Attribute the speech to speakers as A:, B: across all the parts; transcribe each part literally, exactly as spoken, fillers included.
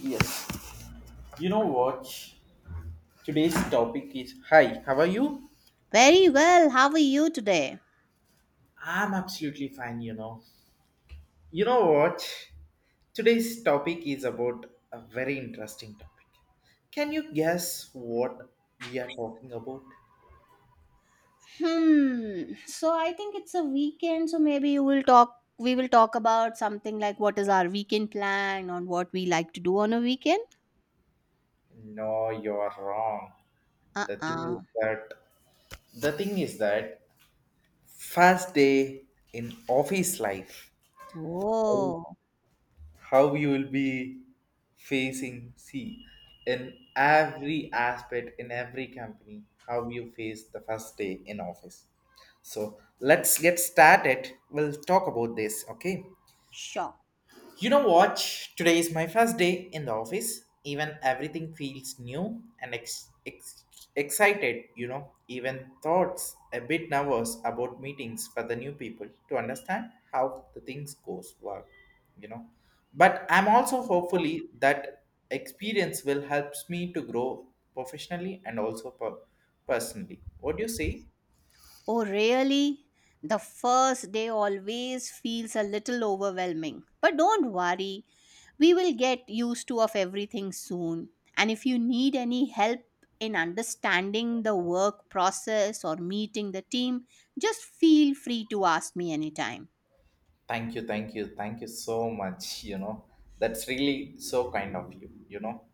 A: Yes. You know what? Today's topic is hi, how are you?
B: Very well. How are you today?
A: I'm absolutely fine, you know. You know what? Today's topic is about a very interesting topic. Can you guess what we are talking about?
B: Hmm. So I think it's a weekend, so maybe you will talk we will talk about something like what is our weekend plan on what we like to do on a weekend.
A: No, you're wrong. The thing is
B: Uh-uh.
A: that the thing is that first day in office life.
B: Whoa.
A: How you will be facing, see, in every aspect, in every company, how you face the first day in office. So let's get started, we'll talk about this, okay?
B: Shock.
A: You know what? Today is my first day in the office. Even everything feels new and ex- ex- excited, you know. Even thoughts a bit nervous about meetings for the new people to understand how the things goes work, you know. But I'm also hopefully that experience will helps me to grow professionally and also per- personally. What do you say?
B: Oh, really? The first day always feels a little overwhelming. But don't worry, we will get used to of everything soon. And if you need any help in understanding the work process or meeting the team, just feel free to ask me anytime.
A: Thank you, thank you, thank you so much, you know. That's really so kind of you, you know,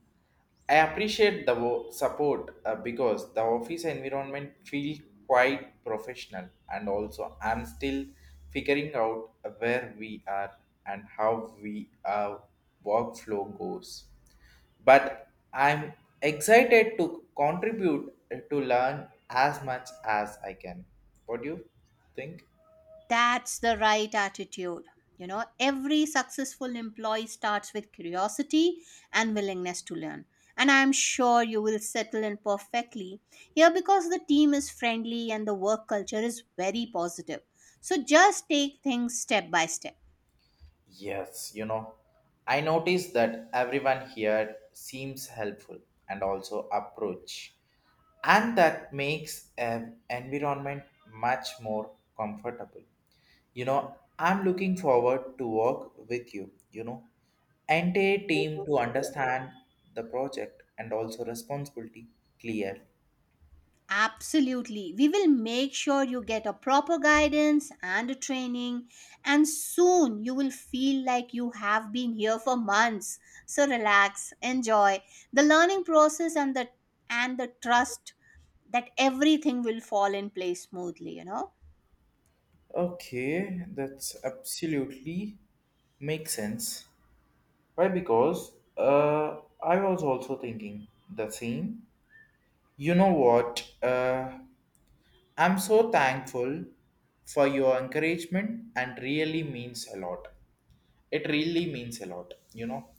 A: I appreciate the wo- support uh, because the office environment feels quite professional, and also I'm still figuring out where we are and how we uh, workflow goes. But I'm excited to contribute, uh, to learn as much as I can. What do you think?
B: That's the right attitude. You know, every successful employee starts with curiosity and willingness to learn. And I'm sure you will settle in perfectly here because the team is friendly and the work culture is very positive. So just take things step by step.
A: Yes, you know, I noticed that everyone here seems helpful and also approach, and that makes an environment much more comfortable. You know, I'm looking forward to work with you, you know, entire team, to understand the project and also responsibility clear.
B: Absolutely. We will make sure you get a proper guidance and a training, and soon you will feel like you have been here for months. So relax, enjoy the learning process and the and the trust that everything will fall in place smoothly, you know.
A: Okay, that's absolutely makes sense. Why? Because uh, I was also thinking the same. You know what? Uh, I'm so thankful for your encouragement and really means a lot. It really means a lot, you know.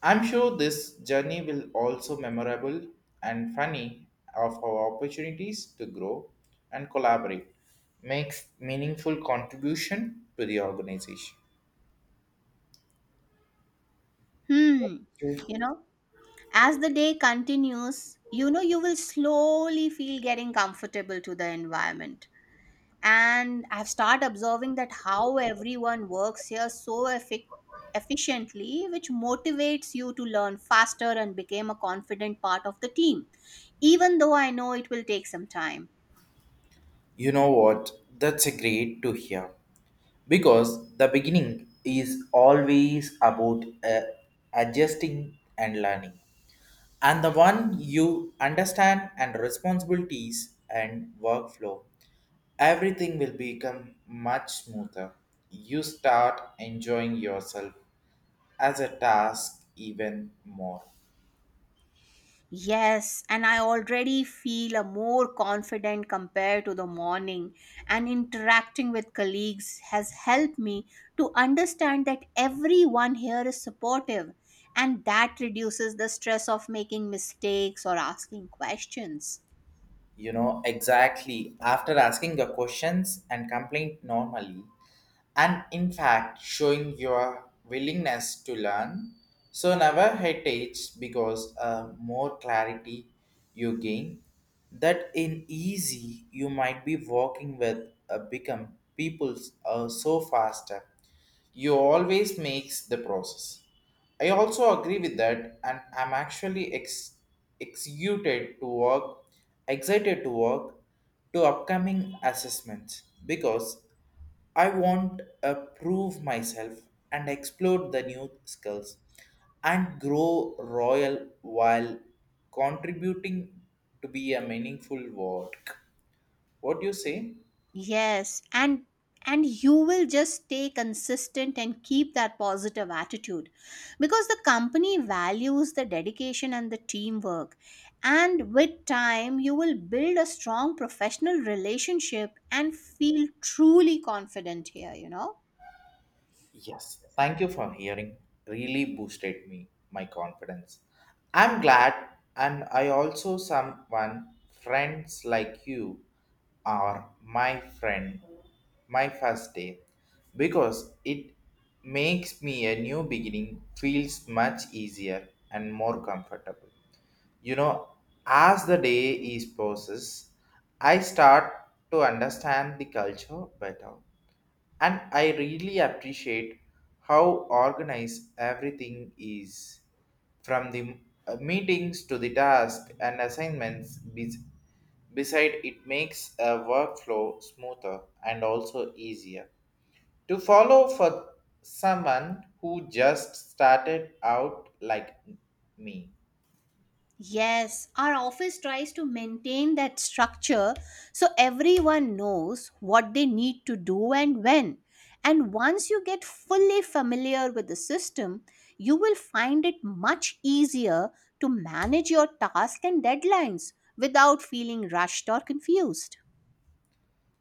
A: I'm sure this journey will also memorable and funny of our opportunities to grow and collaborate, make meaningful contribution to the organization.
B: Hmm. You know, as the day continues, you know you will slowly feel getting comfortable to the environment and I've started observing that how everyone works here so effic- efficiently, which motivates you to learn faster and become a confident part of the team, even though I know it will take some time.
A: You know what? That's a great to hear because the beginning is always about uh, adjusting and learning, and the one you understand and responsibilities and workflow, everything will become much smoother. You start enjoying yourself as a task even more.
B: Yes, and I already feel a more confident compared to the morning, and interacting with colleagues has helped me to understand that everyone here is supportive, and that reduces the stress of making mistakes or asking questions.
A: You know, exactly, after asking the questions and complaint normally and in fact showing your willingness to learn. So never hesitate because uh, more clarity you gain, that in easy you might be walking with, uh, become people, uh, so faster you always makes the process. I also agree with that, and I'm actually ex- executed to work excited to work to upcoming assessments because I want to prove myself and explore the new skills and grow royal while contributing to be a meaningful work. What do you say?
B: Yes, and and you will just stay consistent and keep that positive attitude because the company values the dedication and the teamwork. And with time, you will build a strong professional relationship and feel truly confident here, you know.
A: Yes, thank you for hearing. Really boosted me my confidence. I'm glad, and I also someone friends like you are my friend. My first day, because it makes me a new beginning feels much easier and more comfortable. You know, as the day is process, I start to understand the culture better, and I really appreciate how organized everything is, from the uh, meetings to the tasks and assignments. Bes- Beside, it makes a workflow smoother and also easier to follow for someone who just started out like me.
B: Yes, our office tries to maintain that structure so everyone knows what they need to do and when. And once you get fully familiar with the system, you will find it much easier to manage your tasks and deadlines without feeling rushed or confused.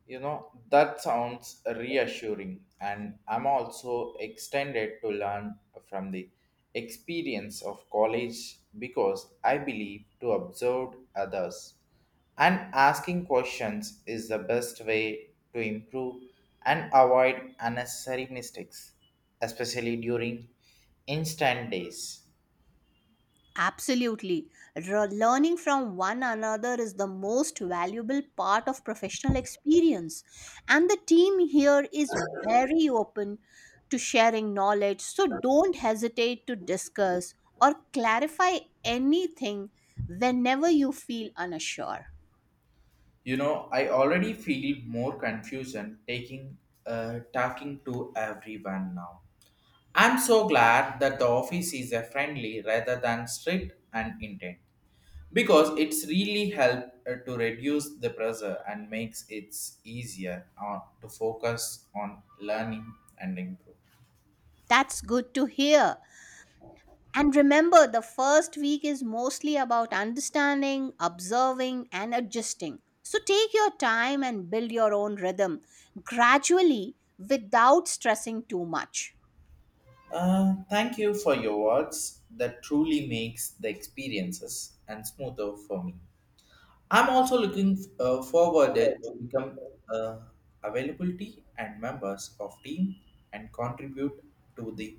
A: You know, that sounds reassuring, and I'm also extended to learn from the experience of college because I believe to observe others and asking questions is the best way to improve and avoid unnecessary mistakes, especially during instant days.
B: Absolutely. Re- Learning from one another is the most valuable part of professional experience. And the team here is very open to sharing knowledge. So don't hesitate to discuss or clarify anything whenever you feel unsure.
A: You know, I already feel more confusion taking, uh, talking to everyone now. I'm so glad that the office is a friendly rather than strict and intent because it's really helped, uh, to reduce the pressure and makes it easier, uh, to focus on learning and improve.
B: That's good to hear. And remember, the first week is mostly about understanding, observing, and adjusting. So take your time and build your own rhythm gradually without stressing too much.
A: Uh, thank you for your words that truly makes the experiences and smoother for me. I'm also looking, uh, forward to become, uh, availability and members of team and contribute to the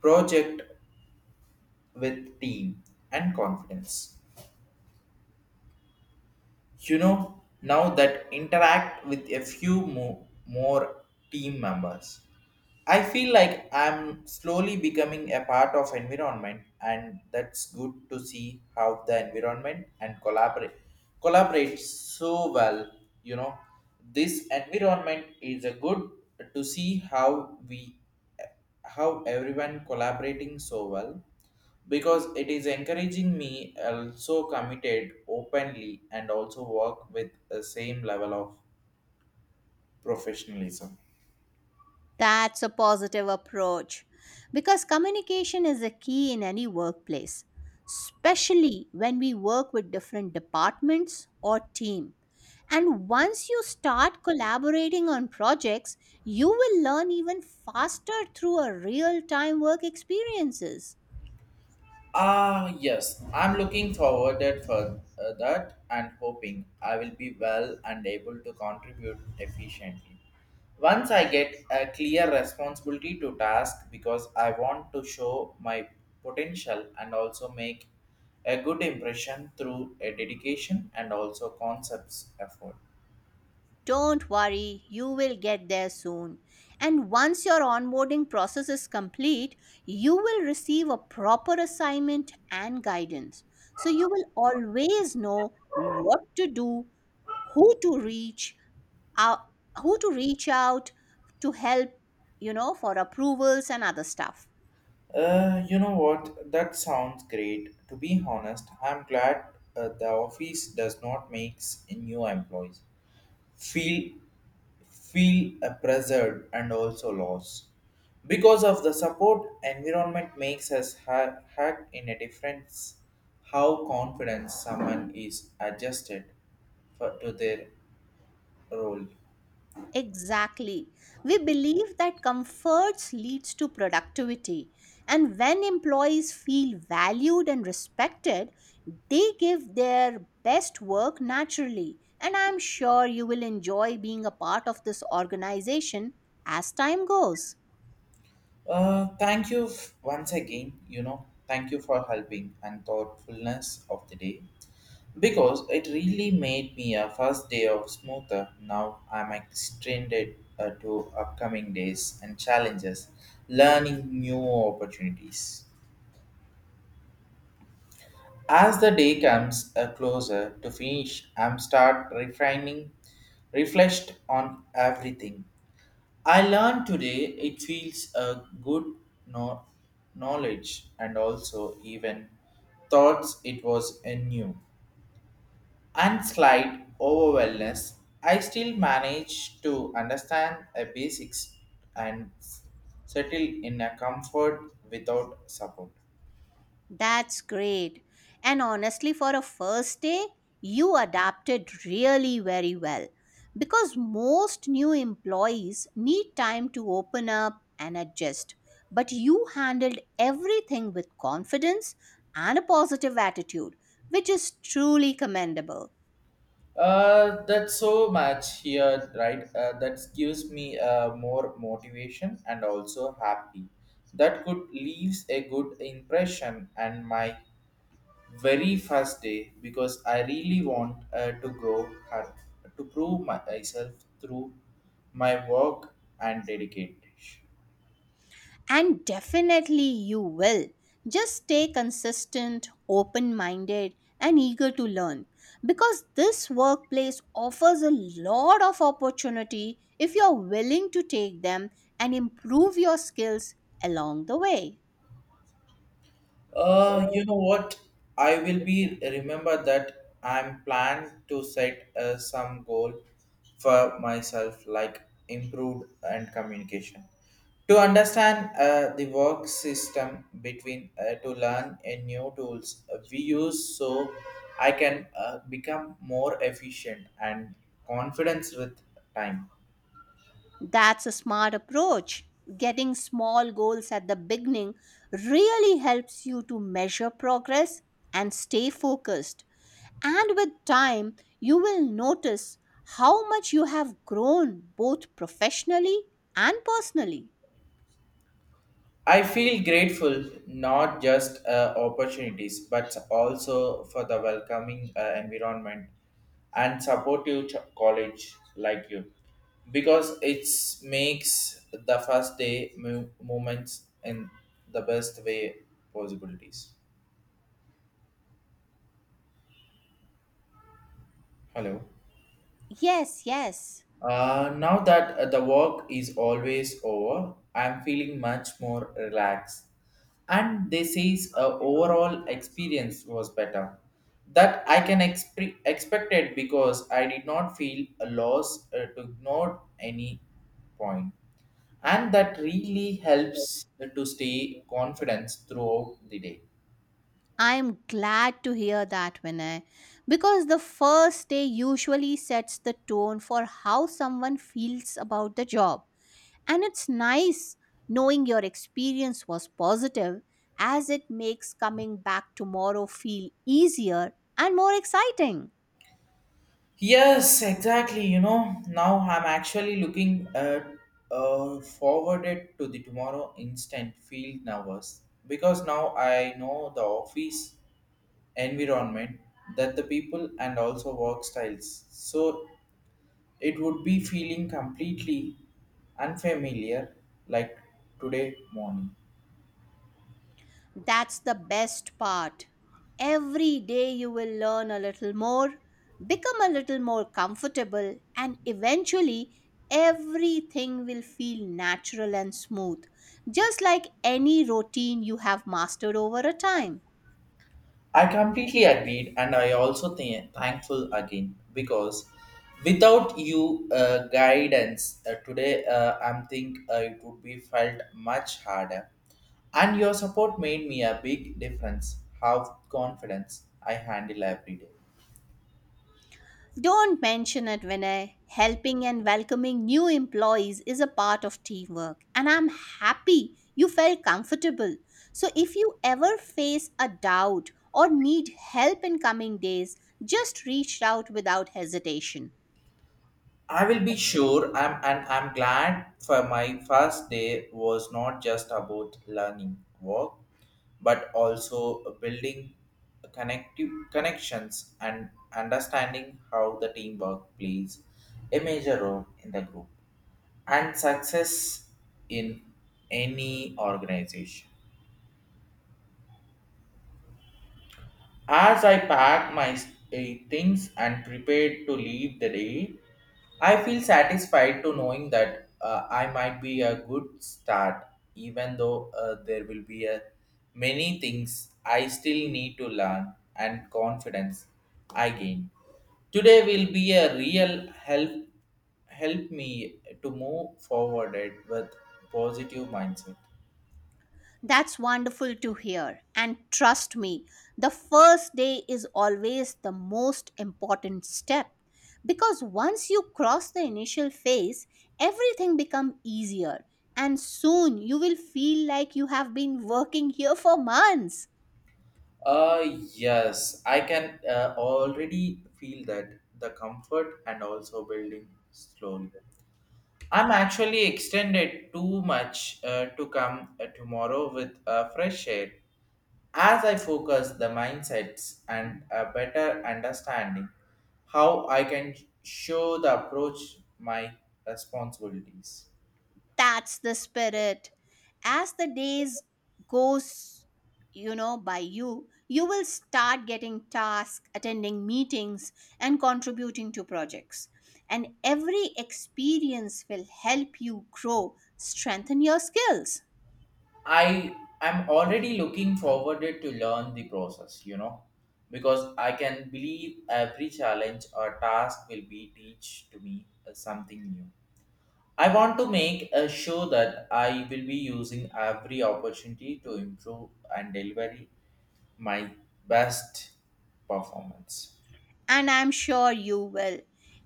A: project with team and confidence. You know, now that interact with a few more, more team members, I feel like I'm slowly becoming a part of environment, and that's good to see how the environment and collaborate collaborates so well, you know. This environment is a good to see how we how everyone collaborating so well because it is encouraging me also committed openly and also work with the same level of professionalism.
B: That's a positive approach because communication is a key in any workplace, especially when we work with different departments or team. And once you start collaborating on projects, you will learn even faster through a real-time work experiences.
A: Ah, yes. I'm looking forward that for, uh, that, and hoping I will be well and able to contribute efficiently. Once I get a clear responsibility to task because I want to show my potential and also make a good impression through a dedication and also concepts effort.
B: Don't worry, you will get there soon. And once your onboarding process is complete, you will receive a proper assignment and guidance. So you will always know what to do, who to reach out, who to reach out to help, you know, for approvals and other stuff.
A: Uh, you know what? That sounds great. To be honest, I'm glad uh, the office does not makes new employees feel feel oppressed and also lost. Because of the support environment makes us ha- hack in a difference how confident someone is adjusted for, to their role.
B: Exactly. We believe that comforts leads to productivity. And when employees feel valued and respected, they give their best work naturally. And I'm sure you will enjoy being a part of this organization as time goes.
A: Uh, thank you f- once again, you know, thank you for helping and thoughtfulness of the day. Because it really made me a first day of smoother. Now I'm extended, uh, to upcoming days and challenges, learning new opportunities. As the day comes, uh, closer to finish, I'm start refining, reflect on everything. I learned today it feels a good no- knowledge and also even thoughts it was a new. And slight overwhelmness, I still manage to understand a basics and s- settle in a comfort without support.
B: That's great. And honestly, for a first day, you adapted really very well because most new employees need time to open up and adjust. But you handled everything with confidence and a positive attitude, which is truly commendable.
A: Uh, that's so much here, right? Uh, that gives me, uh, more motivation and also happy. That could leaves a good impression and my very first day because I really want, uh, to grow her, to prove myself through my work and dedication.
B: And definitely you will. Just stay consistent, open minded, and eager to learn because this workplace offers a lot of opportunity if you're willing to take them and improve your skills along the way.
A: Uh, you know what? I will be remember that I'm planned to set, uh, some goal for myself, like improved and communication. To understand, uh, the work system between, uh, to learn a new tools, uh, we use, so I can, uh, become more efficient and confidence with time.
B: That's a smart approach. Getting small goals at the beginning really helps you to measure progress and stay focused. And with time, you will notice how much you have grown both professionally and personally.
A: I feel grateful not just, uh, opportunities but also for the welcoming, uh, environment and supportive ch- college like you because it makes the first day mo- moments in the best way possibilities. Hello.
B: Yes, yes.
A: Uh, now that, uh, the work is always over, I'm feeling much more relaxed. And they says, uh, overall experience was better. That I can expre- expect it because I did not feel a loss, uh, to ignore any point. And that really helps to stay confident throughout the day.
B: I am glad to hear that, Vinay, because the first day usually sets the tone for how someone feels about the job. And it's nice knowing your experience was positive, as it makes coming back tomorrow feel easier and more exciting.
A: Yes, exactly. You know, now I'm actually looking at, uh, forwarded to the tomorrow instant field nervous because now I know the office environment, that the people and also work styles. So it would be feeling completely unfamiliar like today morning.
B: That's the best part. Every day you will learn a little more, become a little more comfortable, and eventually everything will feel natural and smooth, just like any routine you have mastered over a time.
A: I completely agreed, and I also think thankful again because without you, uh, guidance, uh, today, uh, I'm think, uh, it would be felt much harder. And your support made me a big difference. How confidence I handle every day.
B: Don't mention it, Vinay. Helping and welcoming new employees is a part of teamwork, and I'm happy you felt comfortable. So, if you ever face a doubt or need help in coming days, just reach out without hesitation.
A: I will be sure. I'm and I'm glad for my first day was not just about learning work, but also building connective connections and understanding how the teamwork plays a major role in the group and success in any organization. As I packed my, eh, things and prepared to leave the day, I feel satisfied to knowing that, uh, I might be a good start, even though, uh, there will be a many things I still need to learn, and confidence I gain. Today will be a real help help me to move forward it with positive mindset.
B: That's wonderful to hear. And trust me, the first day is always the most important step because once you cross the initial phase, everything becomes easier and soon you will feel like you have been working here for months.
A: Uh, yes, I can, uh, already feel that the comfort and also building slowly. I'm actually extended too much, uh, to come, uh, tomorrow with, uh, fresh air. As I focus the mindsets and a better understanding how I can show the approach my responsibilities.
B: That's the spirit. As the days goes, you know, by you you will start getting tasks, attending meetings, and contributing to projects, and every experience will help you grow, strengthen your skills.
A: I am already looking forward it to learn the process, you know, because I can believe every challenge or task will be teach to me, uh, something new. I want to make, uh, sure that I will be using every opportunity to improve and deliver my best performance.
B: And I'm sure you will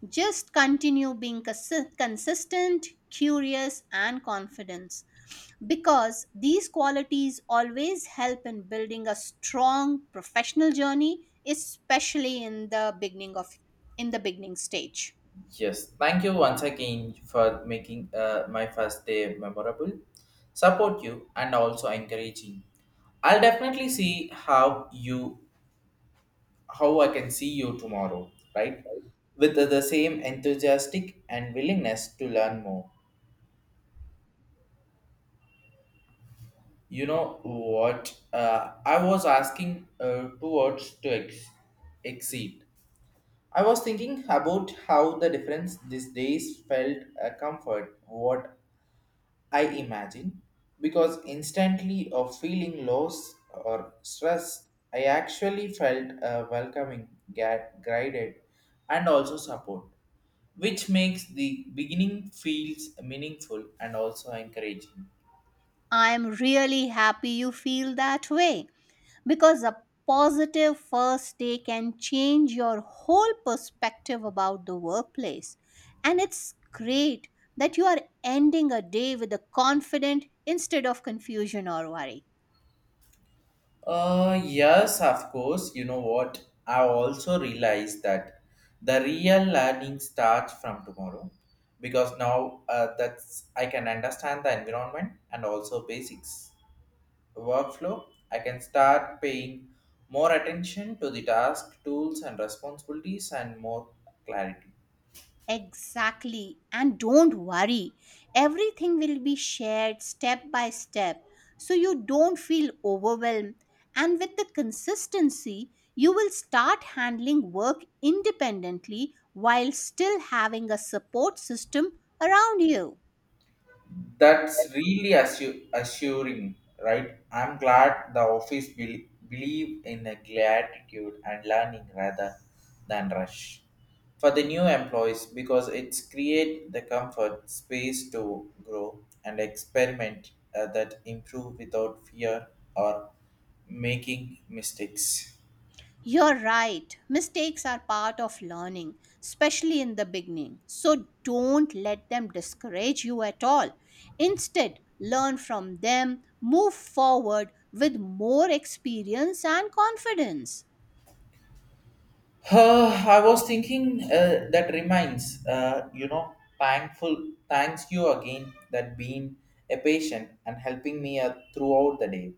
B: just continue being consi- consistent, curious, and confident because these qualities always help in building a strong professional journey, especially in the beginning of in the beginning stage.
A: Yes, thank you once again for making, uh, my first day memorable, support you, and also encouraging. I'll definitely see how you how I can see you tomorrow, right? With the, the same enthusiastic and willingness to learn more. You know what? Uh, I was asking, uh, two words to ex- exceed. I was thinking about how the difference these days felt a comfort, what I imagine, because instantly of feeling loss or stress, I actually felt a welcoming, ga- guided, and also support, which makes the beginning feels meaningful and also encouraging.
B: I am really happy you feel that way because a positive first day can change your whole perspective about the workplace. And it's great that you are ending a day with a confident instead of confusion or worry.
A: Uh, yes, of course. You know what? I also realized that the real learning starts from tomorrow because now, uh, that's I can understand the environment and also basics workflow, I can start paying more attention to the task, tools, and responsibilities, and more clarity.
B: Exactly. And don't worry, everything will be shared step by step so you don't feel overwhelmed. And with the consistency, you will start handling work independently while still having a support system around you.
A: That's really assu- assuring, right? I'm glad the office bel- believe in a gratitude and learning rather than rush for the new employees because it's create the comfort space to grow and experiment uh, that improve without fear or making mistakes.
B: You're right. Mistakes are part of learning, especially in the beginning. So don't let them discourage you at all. Instead, learn from them, move forward with more experience and confidence.
A: Uh, I was thinking uh, that reminds, uh, you know, thankful, thanks you again that being a patient and helping me uh, throughout the day.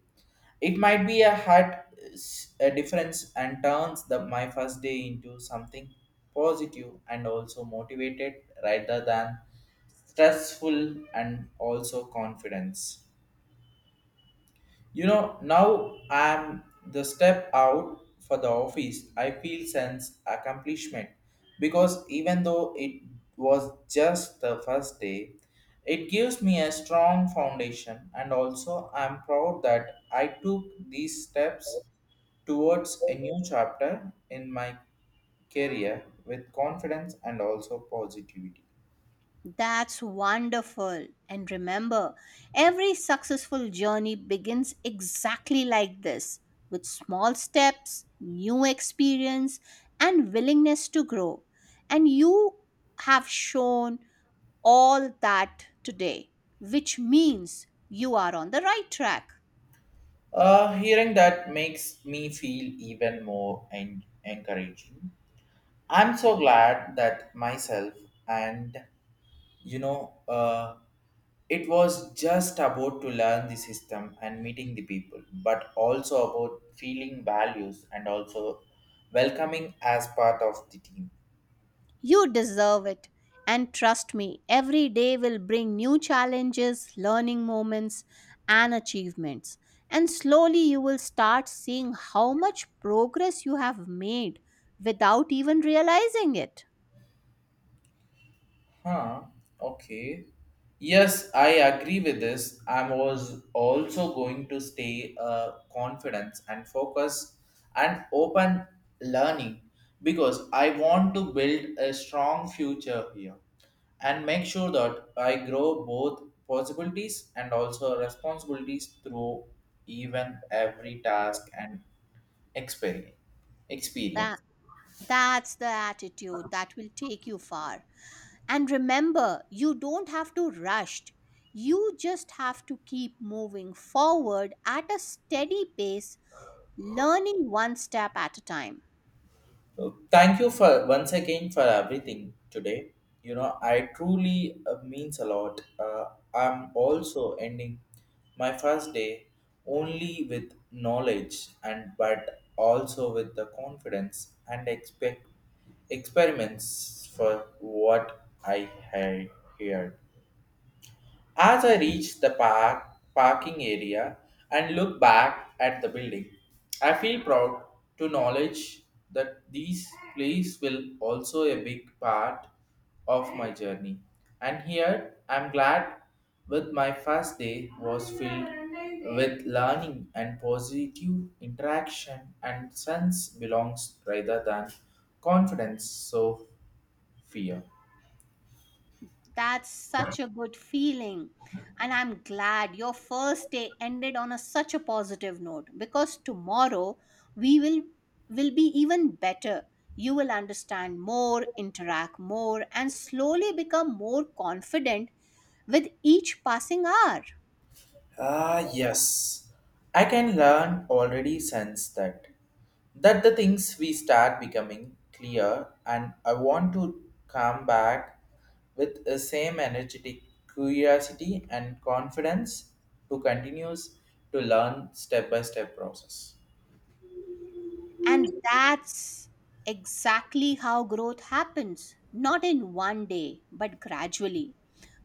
A: It might be a hard s- a difference and turns the, my first day into something positive and also motivated rather than stressful and also confidence. You know, now I'm the step out for the office. I feel sense accomplishment because even though it was just the first day, it gives me a strong foundation and also I'm proud that I took these steps towards a new chapter in my career with confidence and also positivity.
B: That's wonderful. And remember, every successful journey begins exactly like this with small steps, new experience, and willingness to grow. And you have shown all that today, which means you are on the right track.
A: Uh, hearing that makes me feel even more en- encouraging. I'm so glad that myself and you know uh, it was just about to learn the system and meeting the people but also about feeling values and also welcoming as part of the team.
B: You deserve it. And trust me, every day will bring new challenges, learning moments, and achievements. And slowly you will start seeing how much progress you have made without even realizing it.
A: Huh. Okay. Yes, I agree with this. I was also going to stay uh, confidence and focus and open learning because I want to build a strong future here and make sure that I grow both possibilities and also responsibilities through even every task and experience.
B: That,
A: Experience.
B: that's the attitude that will take you far. And remember, you don't have to rush. You just have to keep moving forward at a steady pace, learning one step at a time.
A: So, thank you for once again for everything today. You know, I truly uh, means a lot. Uh, I'm also ending my first day only with knowledge and but also with the confidence and expect experiments for what I had heard. As I reach the park parking area and look back at the building, I feel proud to knowledge that these plays will also a big part of my journey. And here I'm glad with my first day was filled with learning and positive interaction and sense belongs rather than confidence so fear.
B: That's such a good feeling. And I'm glad your first day ended on a, such a positive note because tomorrow we will will be even better. You will understand more, interact more, and slowly become more confident with each passing hour.
A: Ah, yes. I can learn already sense that. That the things we start becoming clear and I want to come back with the same energetic curiosity and confidence to continues to learn step by step process.
B: And that's exactly how growth happens, not in one day, but gradually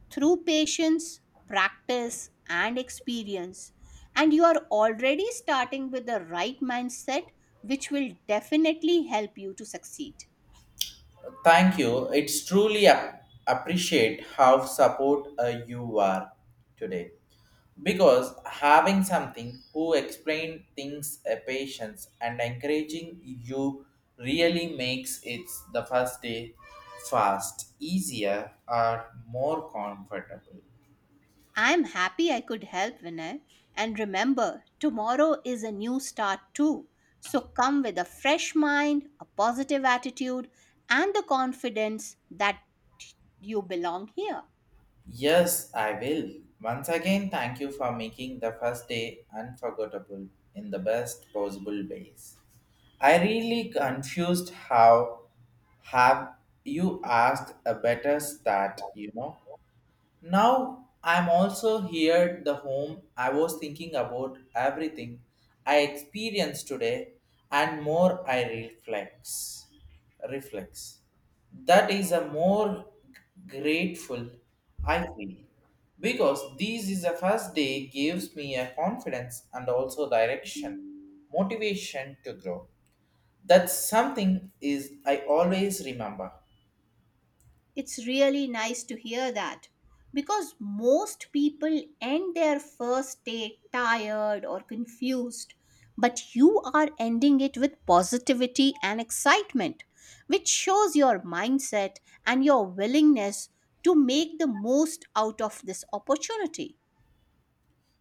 B: through patience, practice, and experience. And you are already starting with the right mindset, which will definitely help you to succeed.
A: Thank you. It's truly ap- appreciate how support uh, you are today. Because having something who explain things a patience and encouraging you really makes it the first day fast, easier or more comfortable.
B: I'm happy I could help, Vinay. And remember, tomorrow is a new start too. So come with a fresh mind, a positive attitude, and the confidence that you belong here.
A: Yes, I will. Once again, thank you for making the first day unforgettable in the best possible ways. I really confused how have you asked a better start, you know? Now I'm also here the home I was thinking about everything I experienced today and more I reflex reflex. That is a more grateful I feel because this is the first day gives me a confidence and also direction motivation to grow. That's something is I always remember.
B: It's really nice to hear that because most people end their first day tired or confused, but you are ending it with positivity and excitement, which shows your mindset and your willingness to make the most out of this opportunity.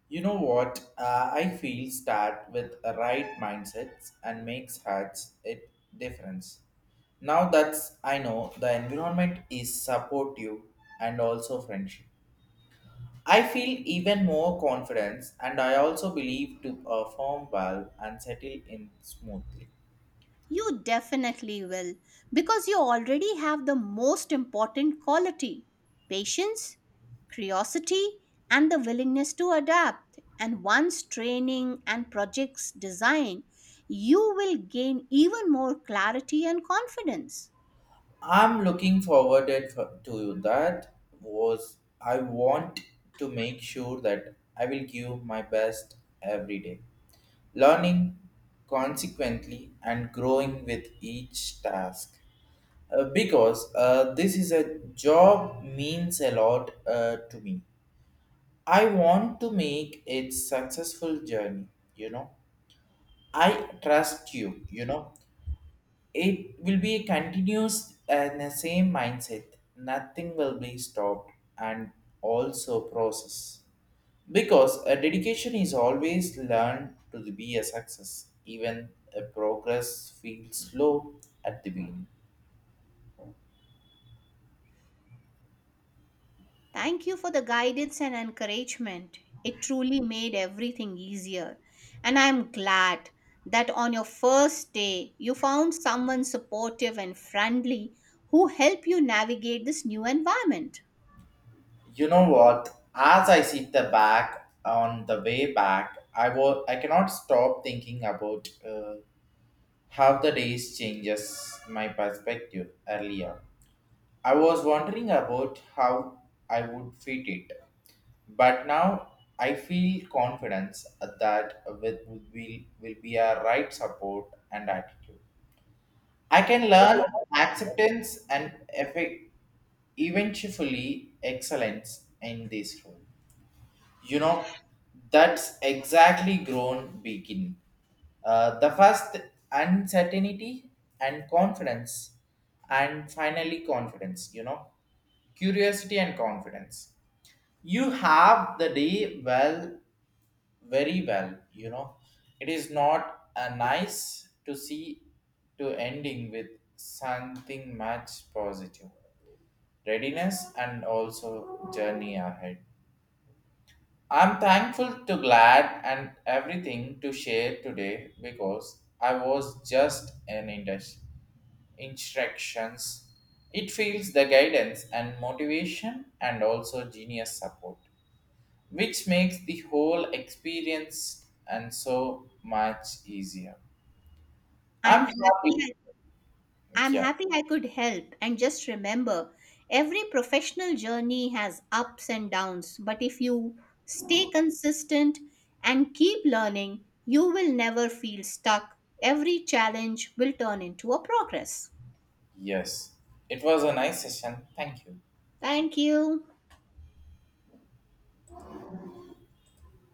A: You know what? Uh, I feel start with a right mindsets and makes hearts it difference. Now that's I know the environment is supportive and also friendship. I feel even more confidence and I also believe to perform well and settle in smoothly.
B: You definitely will, because you already have the most important quality: patience, curiosity, and the willingness to adapt. And once training and projects design, you will gain even more clarity and confidence.
A: I'm looking forward it for- to that. Was I want to make sure that I will give my best every day, learning consequently and growing with each task. Uh, because uh, this is a job means a lot uh, to me. I want to make it successful journey. You know, I trust you. You know it will be continuous and the same mindset nothing will be stopped and also process because a dedication is always learned to be a success even a progress feels slow at the beginning.
B: Thank you for the guidance and encouragement. It truly made everything easier. And I'm glad that on your first day, you found someone supportive and friendly who helped you navigate this new environment.
A: You know what? As I sit the back on the way back, i was I cannot stop thinking about uh, how the days changes my perspective earlier. I was wondering about how I would fit it, but now I feel confidence that with will will be a right support and attitude. I can learn acceptance and effect eventually excellence in this role, you know. That's exactly grown begin uh, the first uncertainty and confidence and finally confidence, you know, curiosity and confidence. You have the day well, very well, you know. It is not a nice to see to ending with something much positive, readiness and also journey ahead. I'm thankful to glad and everything to share today because I was just an indus- instructions. It feels the guidance and motivation and also genius support, which makes the whole experience and so much easier.
B: I'm
A: I'm happy.
B: happy I'm
A: Yeah.
B: happy I could help. And just remember, every professional journey has ups and downs, but if you stay consistent and keep learning, you will never feel stuck. Every challenge will turn into a progress.
A: Yes. It was a nice session. Thank you.
B: Thank you.